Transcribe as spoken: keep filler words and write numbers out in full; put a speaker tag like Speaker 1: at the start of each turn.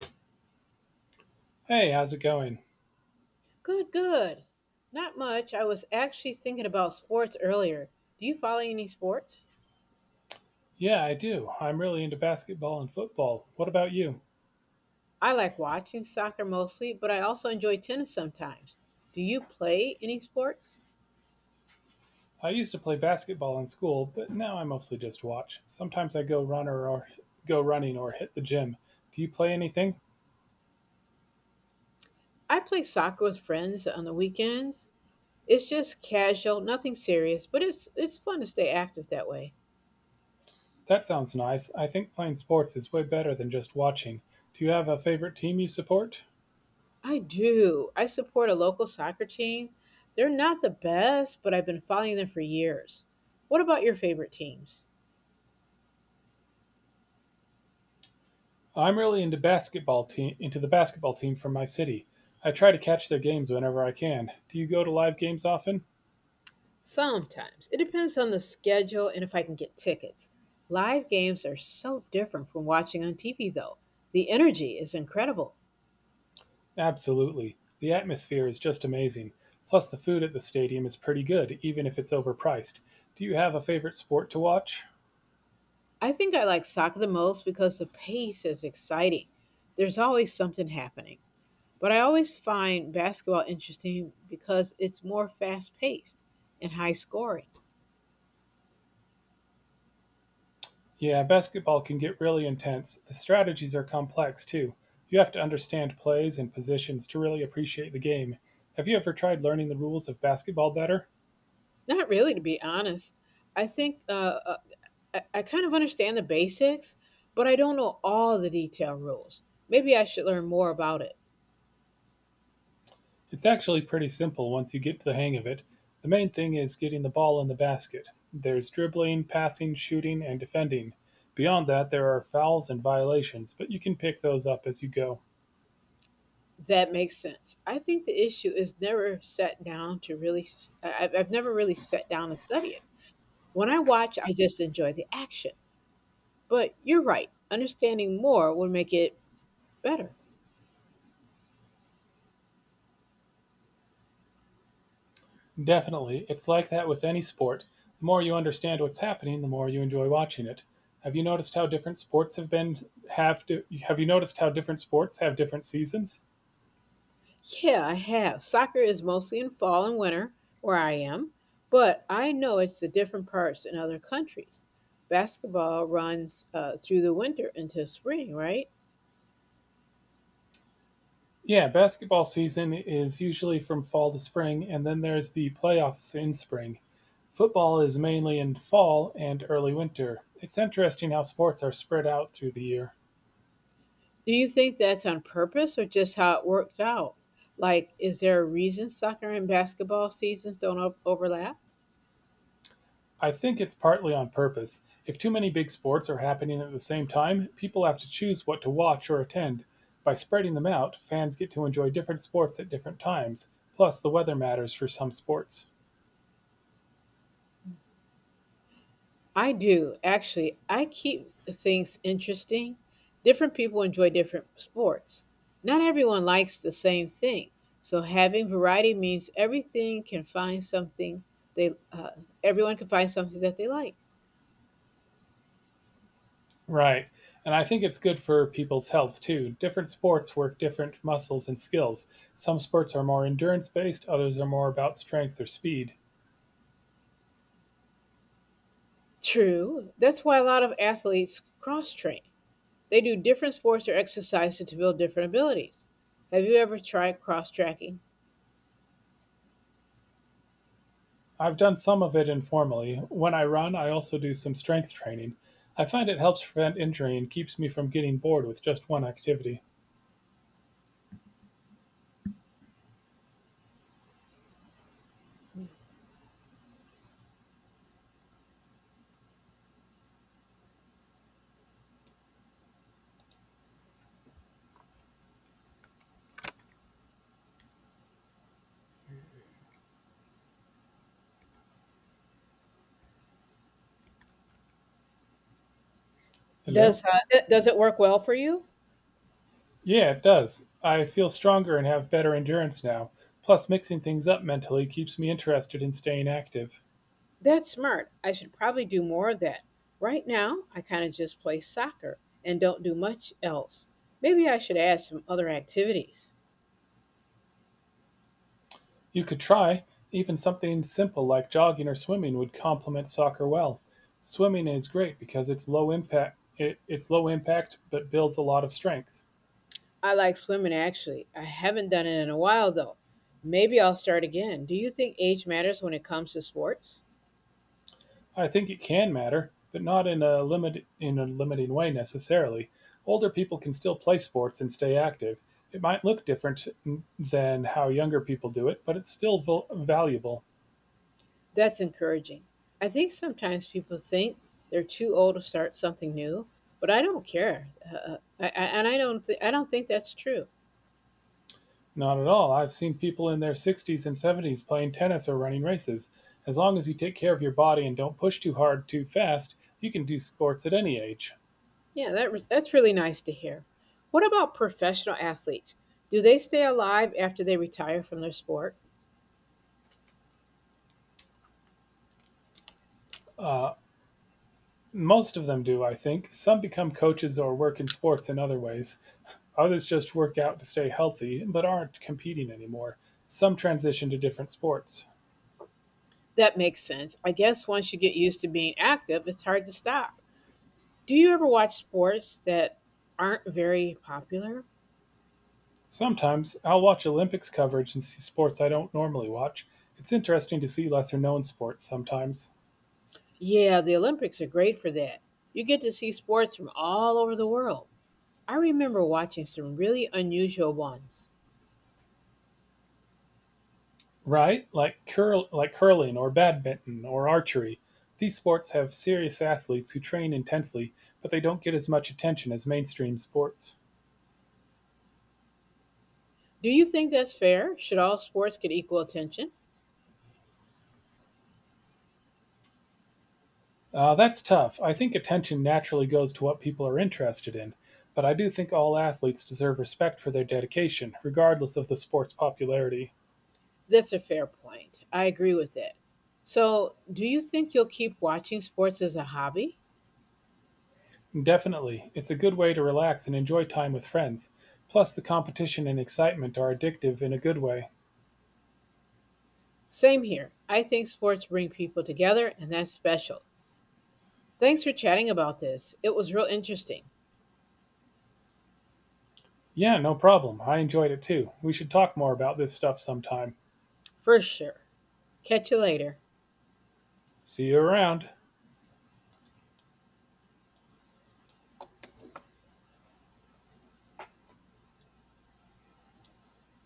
Speaker 1: Hey, how's it going?
Speaker 2: Good, good. Not much. I was actually thinking about sports earlier. Do you follow any sports?
Speaker 1: Yeah, I do. I'm really into basketball and football. What about you?
Speaker 2: I like watching soccer mostly, but I also enjoy tennis sometimes. Do you play any sports?
Speaker 1: I used to play basketball in school, but now I mostly just watch. Sometimes I go runner or go running or hit the gym. Do you play anything?
Speaker 2: I play soccer with friends on the weekends. It's just casual, nothing serious, but it's it's fun to stay active that way.
Speaker 1: That sounds nice. I think playing sports is way better than just watching. Do you have a favorite team you support?
Speaker 2: I do. I support a local soccer team. They're not the best, but I've been following them for years. What about your favorite teams?
Speaker 1: I'm really into basketball team into the basketball team from my city. I try to catch their games whenever I can. Do you go to live games often?
Speaker 2: Sometimes. It depends on the schedule and if I can get tickets. Live games are so different from watching on T V, though. The energy is incredible.
Speaker 1: Absolutely. The atmosphere is just amazing. Plus, the food at the stadium is pretty good, even if it's overpriced. Do you have a favorite sport to watch?
Speaker 2: I think I like soccer the most because the pace is exciting. There's always something happening. But I always find basketball interesting because it's more fast paced and high scoring.
Speaker 1: Yeah, basketball can get really intense. The strategies are complex, too. You have to understand plays and positions to really appreciate the game. Have you ever tried learning the rules of basketball better?
Speaker 2: Not really, to be honest. I think uh, uh, I, I kind of understand the basics, but I don't know all the detailed rules. Maybe I should learn more about it.
Speaker 1: It's actually pretty simple once you get the hang of it. The main thing is getting the ball in the basket. There's dribbling, passing, shooting, and defending. Beyond that, there are fouls and violations, but you can pick those up as you go.
Speaker 2: That makes sense. I think the issue is never sat down to really, s- I- I've, I've never really sat down and studied it. When I watch, I just enjoy the action. But you're right, understanding more would make it better.
Speaker 1: Definitely, it's like that with any sport. The more you understand what's happening, the more you enjoy watching it. Have you noticed how different sports have been have to, Have you noticed how different sports have different seasons?
Speaker 2: Yeah, I have. Soccer is mostly in fall and winter where I am, but I know it's the different parts in other countries. Basketball runs uh, through the winter into spring, right?
Speaker 1: Yeah, basketball season is usually from fall to spring, and then there's the playoffs in spring. Football is mainly in fall and early winter. It's interesting how sports are spread out through the year.
Speaker 2: Do you think that's on purpose or just how it worked out? Like, is there a reason soccer and basketball seasons don't o- overlap?
Speaker 1: I think it's partly on purpose. If too many big sports are happening at the same time, people have to choose what to watch or attend. By spreading them out, fans get to enjoy different sports at different times. Plus, the weather matters for some sports.
Speaker 2: I do, actually. I keep things interesting. Different people enjoy different sports. Not everyone likes the same thing. So having variety means everything can find something they uh, everyone can find something that they like.
Speaker 1: Right. And I think it's good for people's health too. Different sports work different muscles and skills. Some sports are more endurance based, others are more about strength or speed.
Speaker 2: True. That's why a lot of athletes cross train. They do different sports or exercises to build different abilities. Have you ever tried cross tracking?
Speaker 1: I've done some of it informally. When I run, I also do some strength training. I find it helps prevent injury and keeps me from getting bored with just one activity. Hello?
Speaker 2: Does uh, it- does it work well for you?
Speaker 1: Yeah, it does. I feel stronger and have better endurance now. Plus, mixing things up mentally keeps me interested in staying active.
Speaker 2: That's smart. I should probably do more of that. Right now, I kind of just play soccer and don't do much else. Maybe I should add some other activities.
Speaker 1: You could try. Even something simple like jogging or swimming would complement soccer well. Swimming is great because it's low impact. It, it's low impact, but builds a lot of strength.
Speaker 2: I like swimming actually. I haven't done it in a while though. Maybe I'll start again. Do you think age matters when it comes to sports?
Speaker 1: I think it can matter, but not in a limit in a limiting way necessarily. Older people can still play sports and stay active. It might look different than how younger people do it, but it's still val- valuable.
Speaker 2: That's encouraging. I think sometimes people think they're too old to start something new, but I don't care, uh, uh, I, I, and I don't. Th- I don't think that's true.
Speaker 1: Not at all. I've seen people in their sixties and seventies playing tennis or running races. As long as you take care of your body and don't push too hard too fast, you can do sports at any age.
Speaker 2: Yeah, that was, that's really nice to hear. What about professional athletes? Do they stay alive after they retire from their sport?
Speaker 1: Uh, Most of them do, I think. Some become coaches or work in sports in other ways. Others just work out to stay healthy, but aren't competing anymore. Some transition to different sports.
Speaker 2: That makes sense. I guess once you get used to being active, it's hard to stop. Do you ever watch sports that aren't very popular?
Speaker 1: Sometimes I'll watch Olympics coverage and see sports I don't normally watch. It's interesting to see lesser known sports sometimes.
Speaker 2: Yeah, the Olympics are great for that. You get to see sports from all over the world. I remember watching some really unusual ones.
Speaker 1: Right? Like curl like curling or badminton or archery. These sports have serious athletes who train intensely, but they don't get as much attention as mainstream sports.
Speaker 2: Do you think that's fair? Should all sports get equal attention?
Speaker 1: Uh, that's tough. I think attention naturally goes to what people are interested in, but I do think all athletes deserve respect for their dedication, regardless of the sport's popularity.
Speaker 2: That's a fair point. I agree with that. So, do you think you'll keep watching sports as a hobby?
Speaker 1: Definitely, it's a good way to relax and enjoy time with friends. Plus, the competition and excitement are addictive in a good way.
Speaker 2: Same here. I think sports bring people together, and that's special. Thanks for chatting about this. It was real interesting.
Speaker 1: Yeah, no problem. I enjoyed it too. We should talk more about this stuff sometime.
Speaker 2: For sure. Catch you later.
Speaker 1: See you around.